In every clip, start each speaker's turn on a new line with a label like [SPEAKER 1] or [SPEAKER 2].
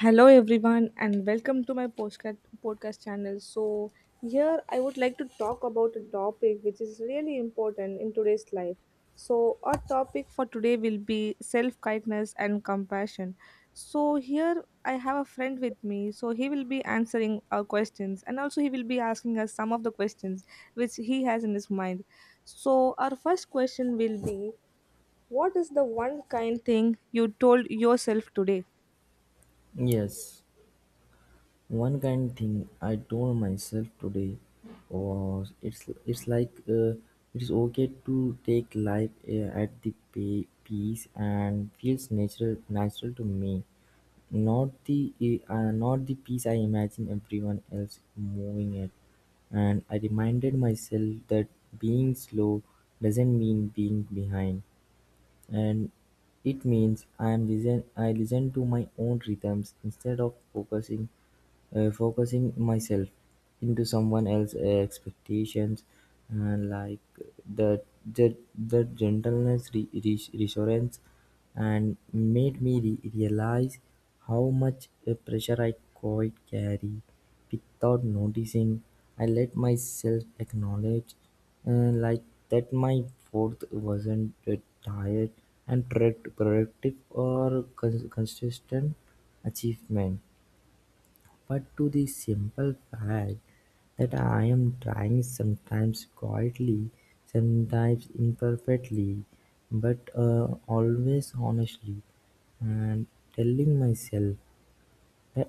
[SPEAKER 1] Hello everyone and welcome to my postcard podcast channel. So here I would like to talk about a topic which is really important in today's life. So our topic for today will be self-kindness and compassion. So here I have a friend with me. So he will be answering our questions and also he will be asking us some of the questions which he has in his mind. So our first question will be, what is the one kind thing you told yourself today?
[SPEAKER 2] Yes, one kind thing I told myself today was it's like it's okay to take life at the pay, peace and feels natural to me, not the not the peace I imagine everyone else moving at, and I reminded myself that being slow doesn't mean being behind and it means I listen to my own rhythms instead of focusing myself into someone else's expectations, and like the gentleness reassurance and made me realize how much a pressure I quite carry without noticing. I let myself acknowledge uh, like that my 4th wasn't tired and productive or consistent achievement, but to the simple fact that I am trying, sometimes quietly, sometimes imperfectly, but always honestly, and telling myself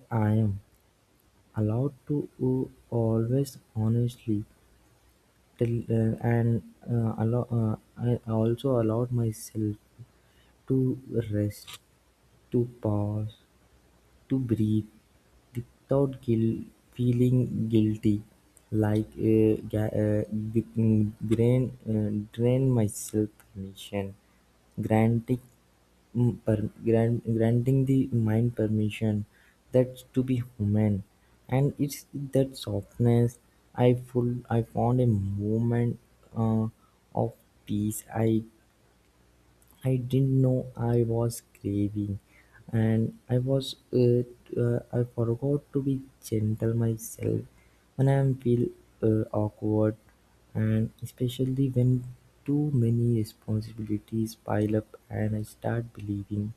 [SPEAKER 2] I'm allowed to oo always honestly till and allow. I also allowed myself to rest, to pause, to breathe without feeling guilty, like drain, drain myself permission, granting granting the mind permission that to be human. And it's that softness I found a moment uh, of peace I didn't know I was craving, and I forgot to be gentle myself when I feel awkward, and especially when too many responsibilities pile up, and I start believing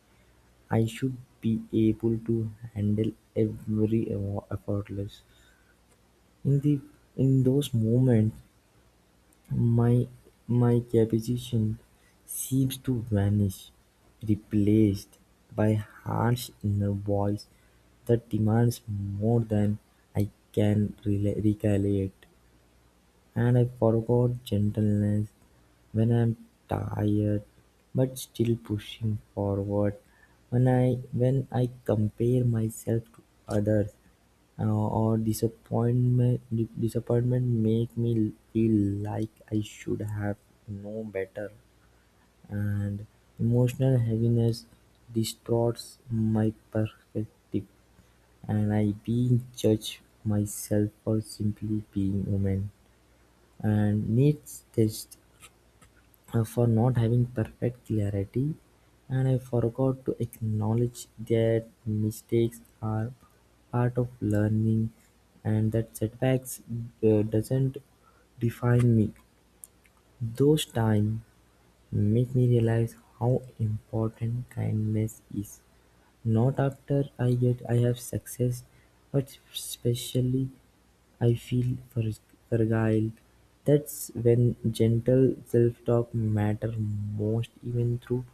[SPEAKER 2] I should be able to handle every evo- effortless. In the in those moments, my my capacity seems to vanish, replaced by harsh inner voice that demands more than I can recollect, and I forgot gentleness. When I'm tired but still pushing forward, when I compare myself to others, or disappointment make me feel like I should have known better, and emotional heaviness distorts my perspective, and I being judge myself for simply being human and needs test, for not having perfect clarity, and I forgot to acknowledge that mistakes are part of learning and that setbacks doesn't define me. Those times make me realize how important kindness is, not after I have success, but especially I feel fragile. That's when gentle self-talk matter most, even through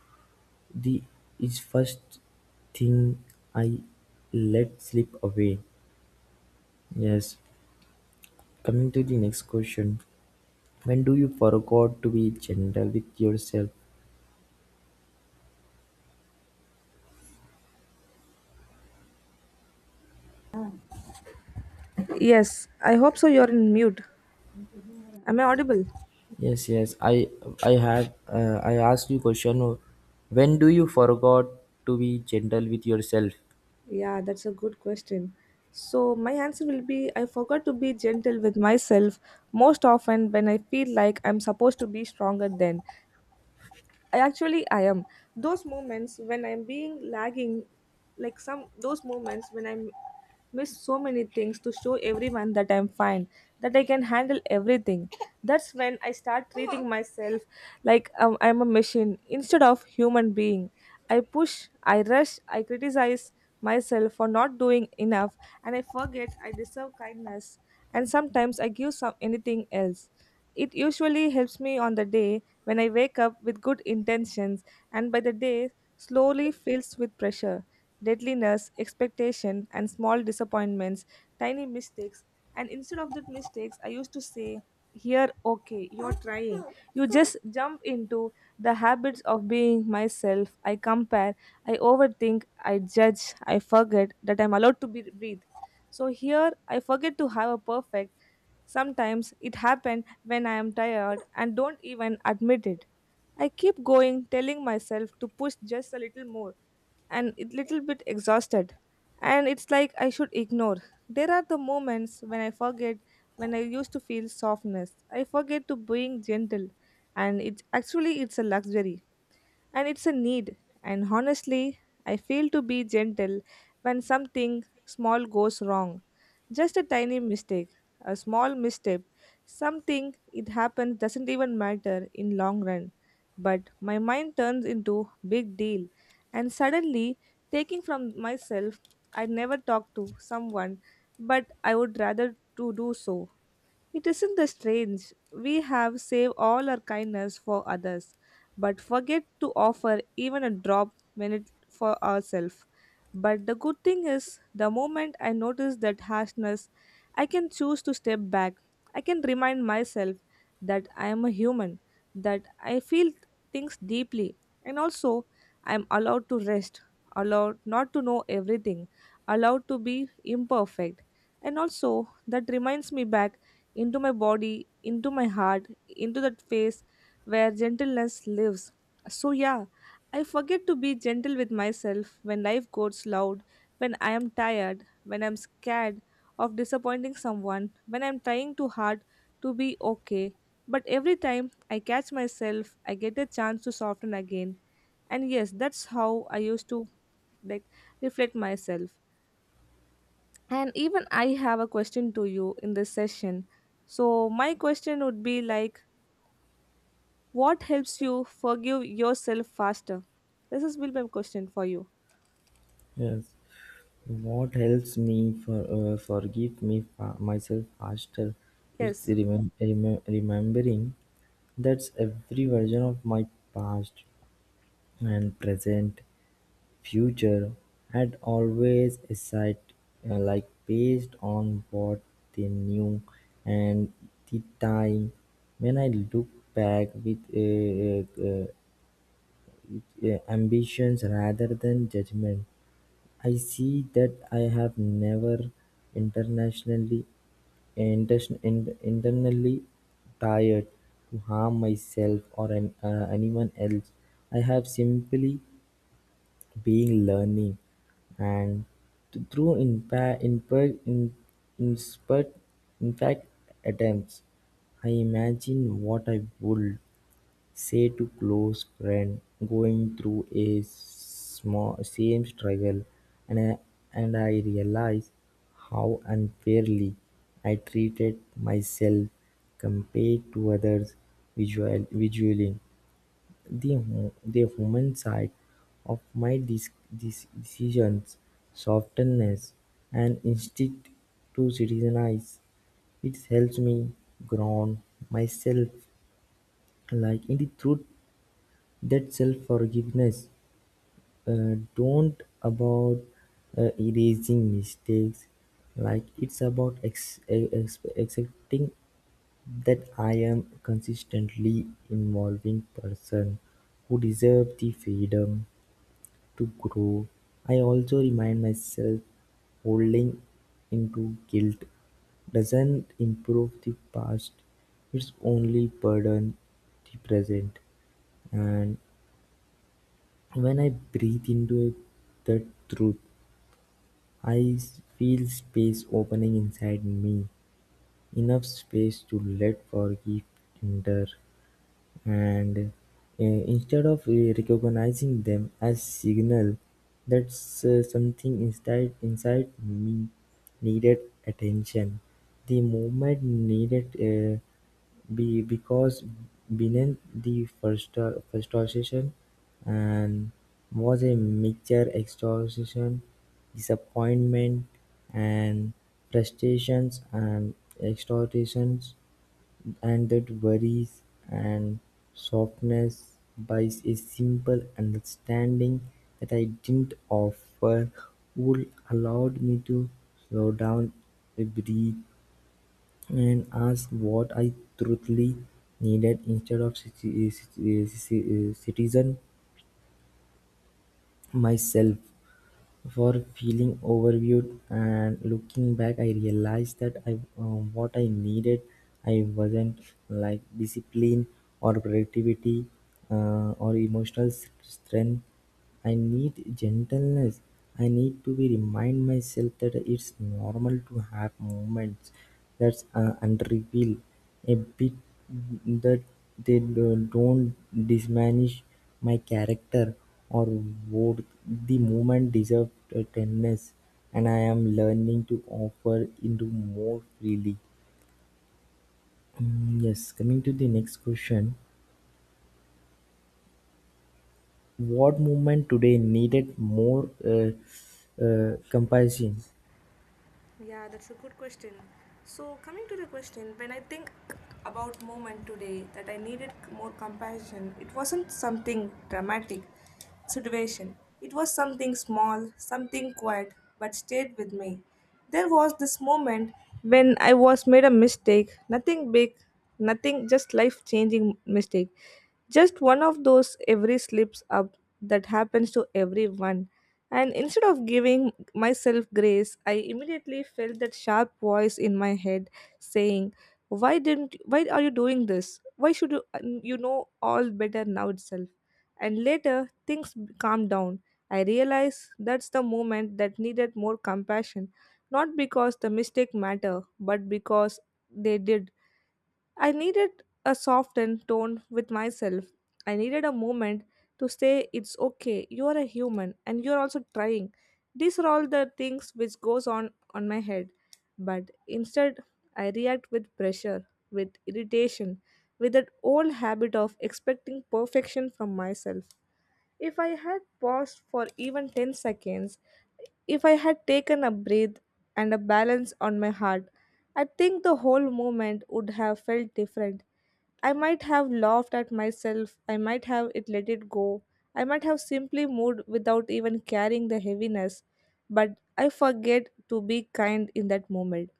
[SPEAKER 2] the is first thing I let slip away. Yes. Coming to the next question. When do you forgot to be gentle with yourself?
[SPEAKER 1] Yes, I hope so. You're in mute. Am I audible?
[SPEAKER 2] Yes, yes. I had I asked you question. When do you forgot to be gentle with yourself?
[SPEAKER 1] Yeah, that's a good question. So my answer will be, I forgot to be gentle with myself most often when I feel like I'm supposed to be stronger then. I actually I am those moments when I'm being lagging, like some those moments when I'm miss so many things to show everyone that I'm fine, that I can handle everything. That's when I start treating myself like I'm a machine instead of human being. I push, I rush, I criticize myself for not doing enough, and I forget I deserve kindness. And sometimes I give some anything else. It usually helps me on the day when I wake up with good intentions, and by the day, slowly fills with pressure, deadliness, expectation, and small disappointments, tiny mistakes. And instead of that mistakes, I used to say, here, okay, you're trying. You just jump into the habits of being myself. I compare, I overthink, I judge, I forget that I'm allowed to be, breathe. So here, I forget to have a perfect. Sometimes it happens when I am tired and don't even admit it. I keep going, telling myself to push just a little more, and a little bit exhausted. And it's like I should ignore. There are the moments when I forget, when I used to feel softness. I forget to being gentle, and it's actually it's a luxury and it's a need. And honestly, I fail to be gentle when something small goes wrong. Just a tiny mistake, a small misstep, something it happens doesn't even matter in long run. But my mind turns into big deal and suddenly taking from myself. I never talk to someone, but I would rather to do so. It isn't the strange. We have saved all our kindness for others, but forget to offer even a drop when it for ourselves. But the good thing is, the moment I notice that harshness, I can choose to step back. I can remind myself that I am a human, that I feel things deeply, and also I am allowed to rest, allowed not to know everything, allowed to be imperfect. And also, that reminds me back into my body, into my heart, into that face where gentleness lives. So, yeah, I forget to be gentle with myself when life goes loud, when I am tired, when I'm scared of disappointing someone, when I'm trying too hard to be okay. But every time I catch myself, I get a chance to soften again. And yes, that's how I used to like reflect myself. And even I have a question to you in this session. So, my question would be like, what helps you forgive yourself faster? This is will be my question for you.
[SPEAKER 2] Yes. What helps me for forgive me myself faster? It's
[SPEAKER 1] Yes.
[SPEAKER 2] remembering that's every version of my past and present future had always a essayed, like based on what they knew and the time. When I look back with ambitions rather than judgment, I see that I have never internationally, internally, tired to harm myself or an anyone else. I have simply being learning and through inspert, in fact attempts. I imagine what I would say to close friend going through a small same struggle, and and I realize how unfairly I treated myself compared to others visual, visually the the human side of my decisions, softness and instinct to criticize. It helps me ground myself like in the truth that self-forgiveness don't about erasing mistakes, like it's about accepting that I am consistently involving person who deserve the freedom to grow. I also remind myself holding into guilt doesn't improve the past, it's only burden the present. And when I breathe into it, that truth, I feel space opening inside me, enough space to let forgive enter. And instead of recognizing them as signal, that something inside me needed attention, the movement needed be because beneath the first frustration and was a mixture extortion, disappointment, and frustrations and exhortations and that worries and softness buys a simple understanding that I didn't offer would allowed me to slow down, breathe, and ask what I truly needed instead of citizen myself for feeling overviewed. And looking back I realized that I what I needed I wasn't like discipline or productivity or emotional strength. I need gentleness. I need to be remind myself that it's normal to have moments that's unrevealed a bit, that they don't diminish my character or worth. The movement deserved tenderness, and I am learning to offer into more freely. Yes, coming to the next question. What movement today needed more compassion?
[SPEAKER 1] Yeah, that's a good question. So, coming to the question, when I think about moment today that I needed more compassion, it wasn't something dramatic situation. It was something small, something quiet, but stayed with me. There was this moment when I was made a mistake, nothing big, nothing, just life changing mistake. Just one of those every slips up that happens to everyone. And instead of giving myself grace, I immediately felt that sharp voice in my head saying, why didn't, why are you doing this? Why should you you know all better now itself? And later things calmed down. I realized that's the moment that needed more compassion, not because the mistake matter, but because they did. I needed a softened tone with myself. I needed a moment to say it's okay, you are a human and you are also trying. These are all the things which goes on my head. But instead I react with pressure, with irritation, with that old habit of expecting perfection from myself. If I had paused for even 10 seconds, if I had taken a breath and a balance on my heart, I think the whole moment would have felt different. I might have laughed at myself, I might have it let it go, I might have simply moved without even carrying the heaviness, but I forget to be kind in that moment.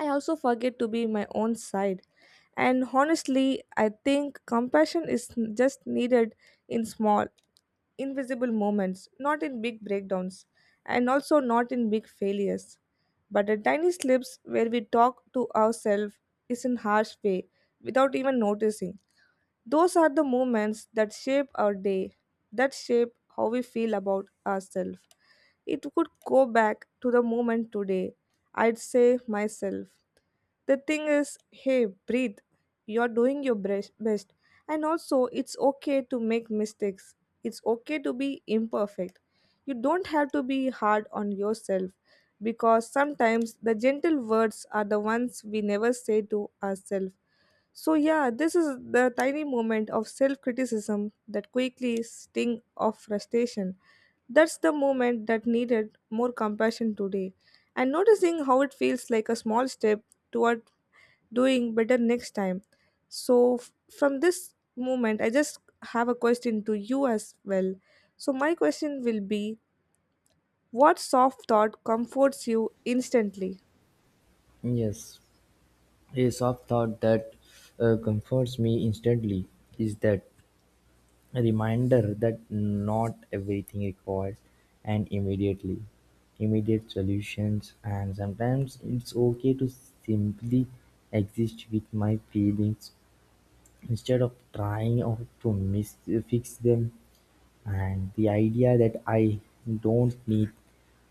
[SPEAKER 1] I also forget to be my own side. And honestly, I think compassion is just needed in small, invisible moments, not in big breakdowns, and also not in big failures. But the tiny slips where we talk to ourselves is in harsh way, without even noticing. Those are the moments that shape our day, that shape how we feel about ourselves. It could go back to the moment today. I'd say myself. The thing is, hey, breathe. You're doing your best. And also, it's okay to make mistakes. It's okay to be imperfect. You don't have to be hard on yourself because sometimes the gentle words are the ones we never say to ourselves. So yeah, this is the tiny moment of self-criticism that quickly sting of frustration. That's the moment that needed more compassion today. And noticing how it feels like a small step toward doing better next time. So from this moment, I just have a question to you as well. So my question will be, what soft thought comforts you instantly?
[SPEAKER 2] Yes, a soft thought that comforts me instantly is that a reminder that not everything requires an immediately immediate solutions, and sometimes it's okay to simply exist with my feelings instead of trying or to fix them. And the idea that I don't need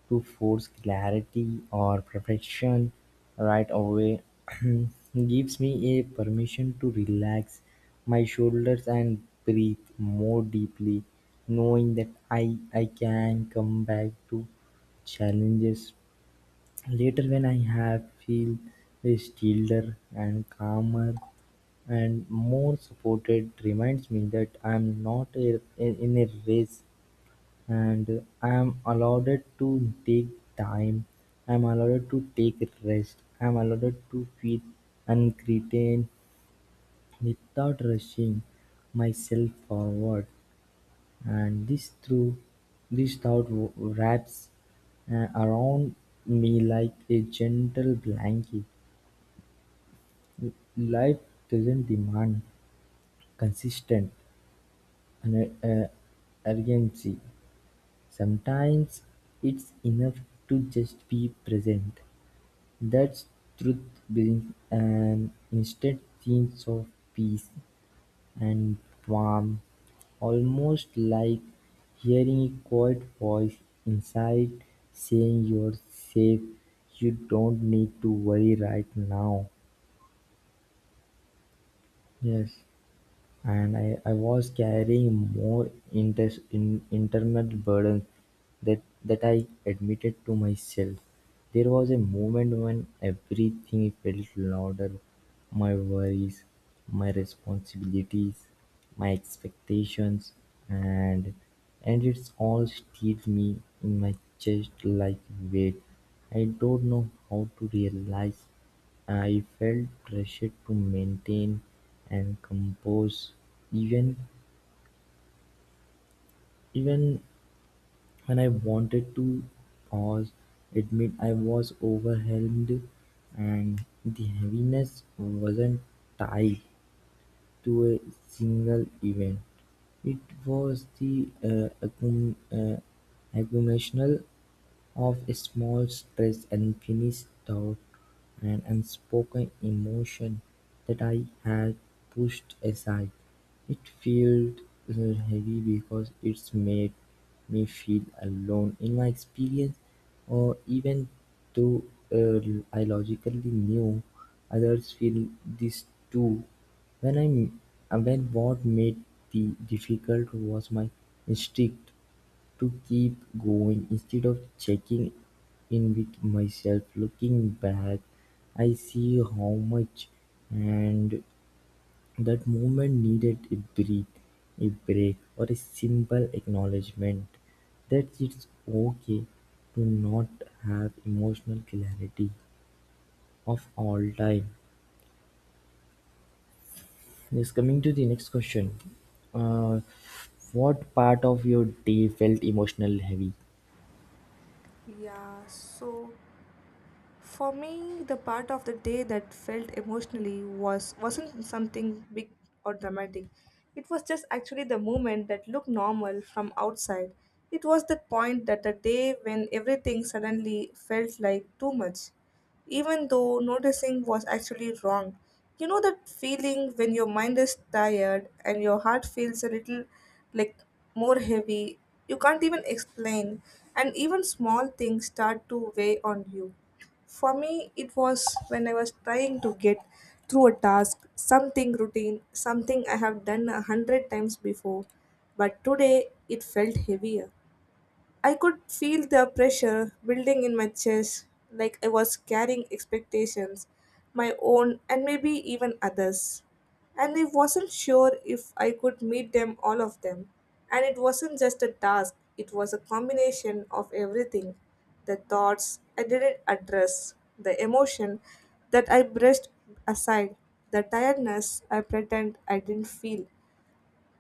[SPEAKER 2] to force clarity or perfection right away gives me a permission to relax my shoulders and breathe more deeply, knowing that I can come back to challenges later when I have feel stiller and calmer and more supported reminds me that I'm not a, in a race, and I'm allowed to take time, I'm allowed to take rest, I'm allowed to feel uncertain without rushing myself forward. And this thought wraps around me like a gentle blanket. Life doesn't demand consistent and urgency. Sometimes it's enough to just be present. That's truth being an instant sense of peace and balm, almost like hearing a quiet voice inside saying you're safe, you don't need to worry right now. Yes, and I was carrying more internal burdens that I admitted to myself there was a moment when everything felt louder: my worries, my responsibilities, my expectations, and and it's all steeled me in my chest like weight. I don't know how to realize. I felt pressured to maintain and compose, even even and I wanted to pause, admit I was overwhelmed, and the heaviness wasn't tied to a single event. It was the accumulation of small stress and finished thought and unspoken emotion that I had pushed aside. It felt heavy because it's made me feel alone in my experience, or even though uh, I logically knew others feel this too. When what made the difficult was my instinct to keep going instead of checking in with myself. Looking back, I see how much and that moment needed a breath, a break, or a simple acknowledgement that it's okay to not have emotional clarity of all time. Yes, coming to the next question. Uh, what part of your day felt emotional heavy?
[SPEAKER 1] Yeah, so for me, the part of the day that felt emotionally was wasn't something big or dramatic. It was just actually the moment that looked normal from outside. It was the point that the day when everything suddenly felt like too much, even though noticing was actually wrong. You know that feeling when your mind is tired and your heart feels a little like more heavy. You can't even explain, and even small things start to weigh on you. For me, it was when I was trying to get through a task, something routine, something I have done a hundred times before, but today it felt heavier. I could feel the pressure building in my chest, like I was carrying expectations, my own and maybe even others. And I wasn't sure if I could meet them, all of them. And it wasn't just a task, it was a combination of everything, the thoughts I didn't address, the emotion that I brushed aside, the tiredness I pretend I didn't feel.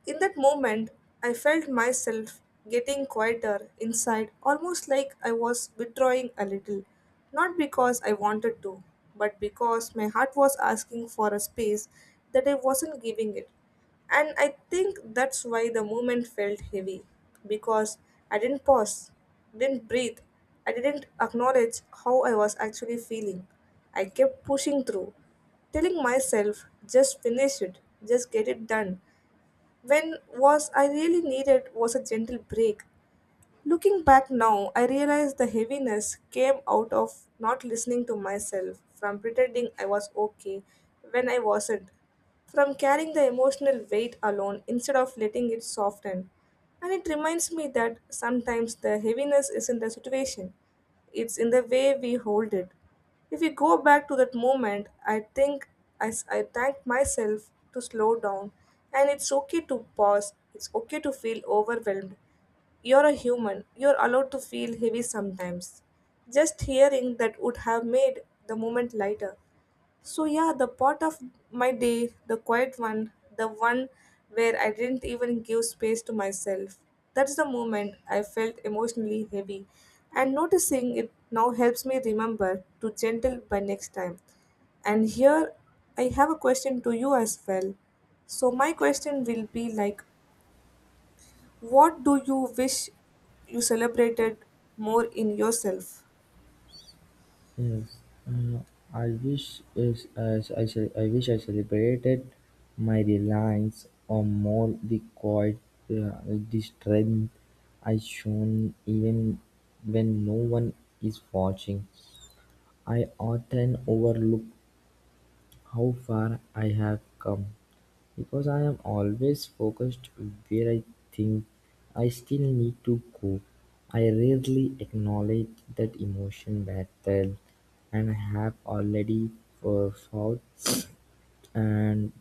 [SPEAKER 1] In that moment, I felt myself getting quieter inside, almost like I was withdrawing a little. Not because I wanted to, but because my heart was asking for a space that I wasn't giving it. And I think that's why the moment felt heavy, because I didn't pause, didn't breathe, I didn't acknowledge how I was actually feeling. I kept pushing through, telling myself, just finish it, just get it done when was I really needed was a gentle break. Looking back now, I realize the heaviness came out of not listening to myself, from pretending I was okay when I wasn't, from carrying the emotional weight alone instead of letting it soften. And it reminds me that sometimes the heaviness is in the situation, it's in the way we hold it. If we go back to that moment, I think I thank myself to slow down and it's okay to pause, it's okay to feel overwhelmed, you're a human, you're allowed to feel heavy sometimes. Just hearing that would have made the moment lighter. So, yeah, the part of my day, the quiet one, the one where I didn't even give space to myself, that's the moment I felt emotionally heavy. And noticing it now helps me remember to gentle by next time. And here I have a question to you as well. So, my question will be like, what do you wish you celebrated more in yourself?
[SPEAKER 2] Yes, I wish is as I I wish I celebrated my reliance on more the quiet, the strength I shown even when no one is watching. I often overlook how far I have come, because I am always focused where I think I still need to go. I rarely acknowledge that emotion battle and I have already fought and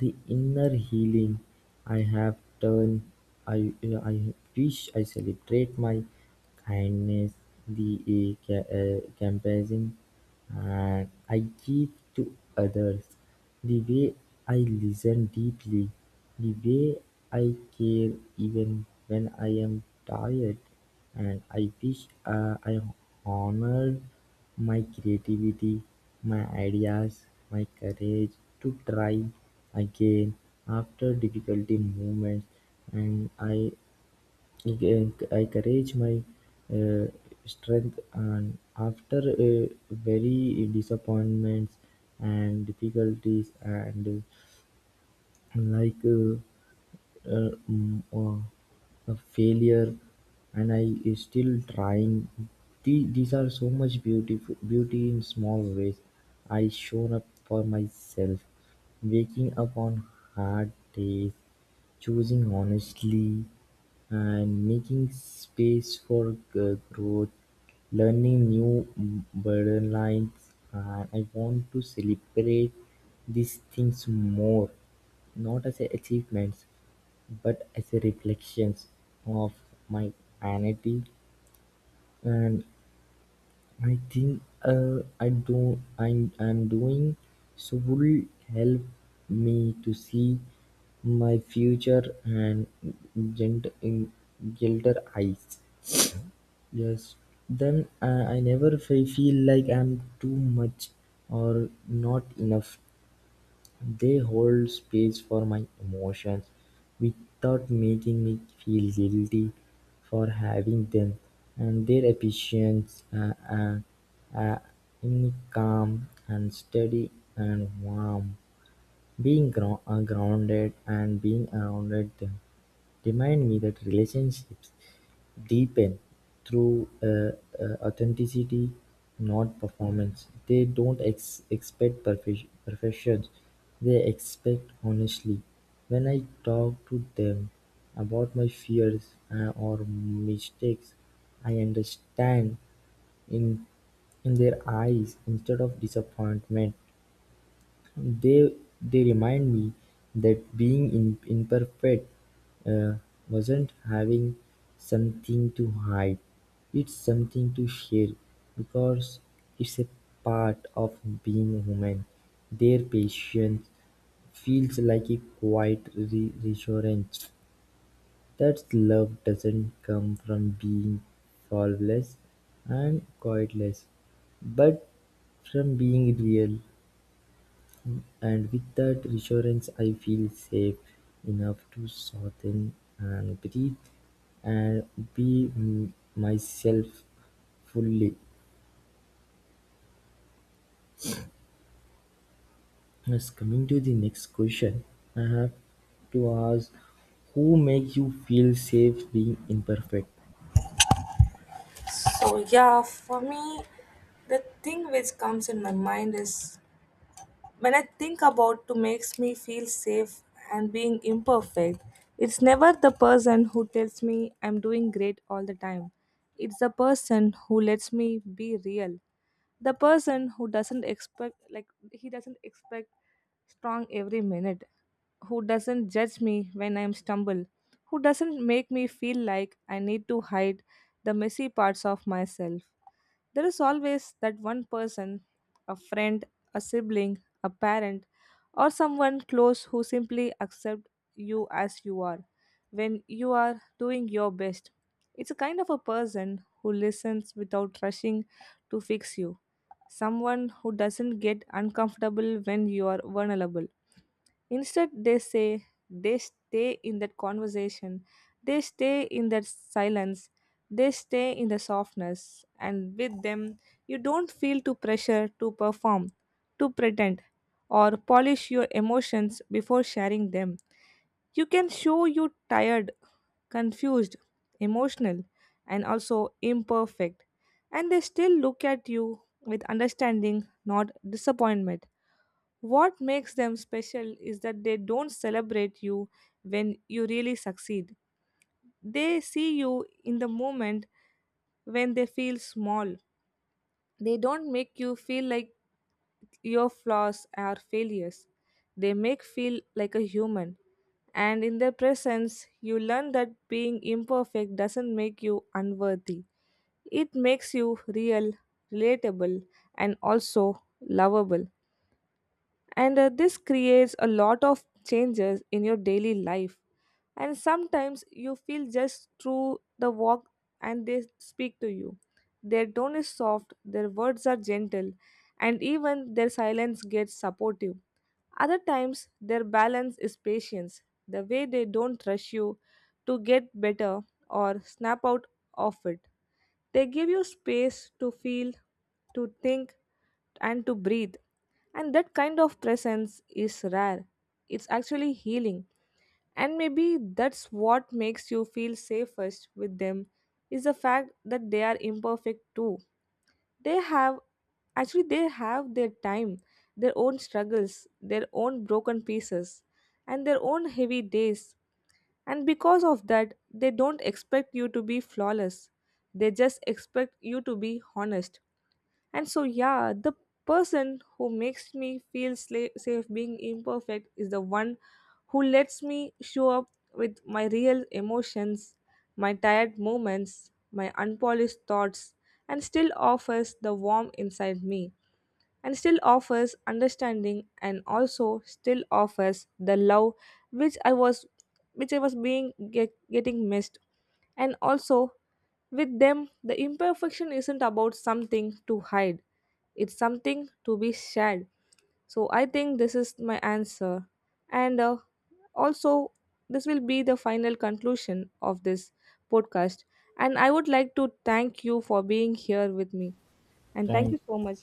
[SPEAKER 2] the inner healing I have done. I wish I celebrate my kindness, the compassion, and I give to others. The way I listen deeply, the way I care even when I am tired. And I wish I honored my creativity, my ideas, my courage to try again after difficulty moments, and I again I courage my uh, strength and after uh, very disappointments and difficulties and like. Uh, uh, mm, uh, a failure and I is still trying. The- These are so much beautiful beauty in small ways. I shown up for myself, waking up on hard days, choosing honestly, and making space for growth, learning new burden lines. And I want to celebrate these things more, not as achievements but as see reflections of my vanity, and I think I am doing so would help me to see my future and in gilder eyes. Yes. Then I never feel like I'm too much or not enough. They hold space for my emotions without making me feel guilty for having them, and their efficiency uh, in calm and steady and warm. Being grounded and being around them remind me that relationships deepen through authenticity, not performance. They don't expect perfection, they expect honestly. When I talk to them about my fears or mistakes, I understand in in their eyes instead of disappointment. They they remind me that being in, imperfect uh, wasn't having something to hide. It's something to share because it's a part of being human. Their patience feels like a quiet reassurance that love doesn't come from being faultless and quietless, but from being real. And with that reassurance I feel safe enough to soften and breathe and be myself fully. Yes, coming to the next question, I have to ask, who makes you feel safe being imperfect?
[SPEAKER 1] So yeah, for me, the thing which comes in my mind is when I think about to makes me feel safe and being imperfect. It's never the person who tells me I'm doing great all the time. It's the person who lets me be real, the person who doesn't expect like he doesn't expect strong every minute, who doesn't judge me when I'm stumble, who doesn't make me feel like I need to hide the messy parts of myself. There is always that one person, a friend, a sibling, a parent, or someone close who simply accept you as you are when you are doing your best. It's a kind of a person who listens without rushing to fix you. Someone who doesn't get uncomfortable when you are vulnerable. Instead, they say they stay in that conversation, they stay in that silence, they stay in the softness, and with them, you don't feel too pressure to perform, to pretend, or polish your emotions before sharing them. You can show you tired, confused, emotional, and also imperfect, and they still look at you with understanding, not disappointment. What makes them special is that they don't celebrate you when you really succeed. They see you in the moment when they feel small. They don't make you feel like your flaws are failures. They make feel like a human. And in their presence, you learn that being imperfect doesn't make you unworthy. It makes you real, relatable, and also lovable. And this creates a lot of changes in your daily life, and sometimes you feel just through the walk and they speak to you. Their tone is soft, their words are gentle, and even their silence gets supportive. Other times their balance is patience, the way they don't rush you to get better or snap out of it. They give you space to feel, to think, and to breathe. And that kind of presence is rare. It's actually healing. And maybe that's what makes you feel safest with them is the fact that they are imperfect too. They have actually they have their time, their own struggles, their own broken pieces, and their own heavy days, and because of that, they don't expect you to be flawless. They just expect you to be honest. And so, yeah, the person who makes me feel safe being imperfect is the one who lets me show up with my real emotions, my tired moments, my unpolished thoughts, and still offers the warmth inside me and still offers understanding and also still offers the love which I was being get, getting missed, and also with them the imperfection isn't about something to hide, it's something to be shared. So I think this is my answer, and also this will be the final conclusion of this podcast, and I would like to thank you for being here with me, and thank you so much.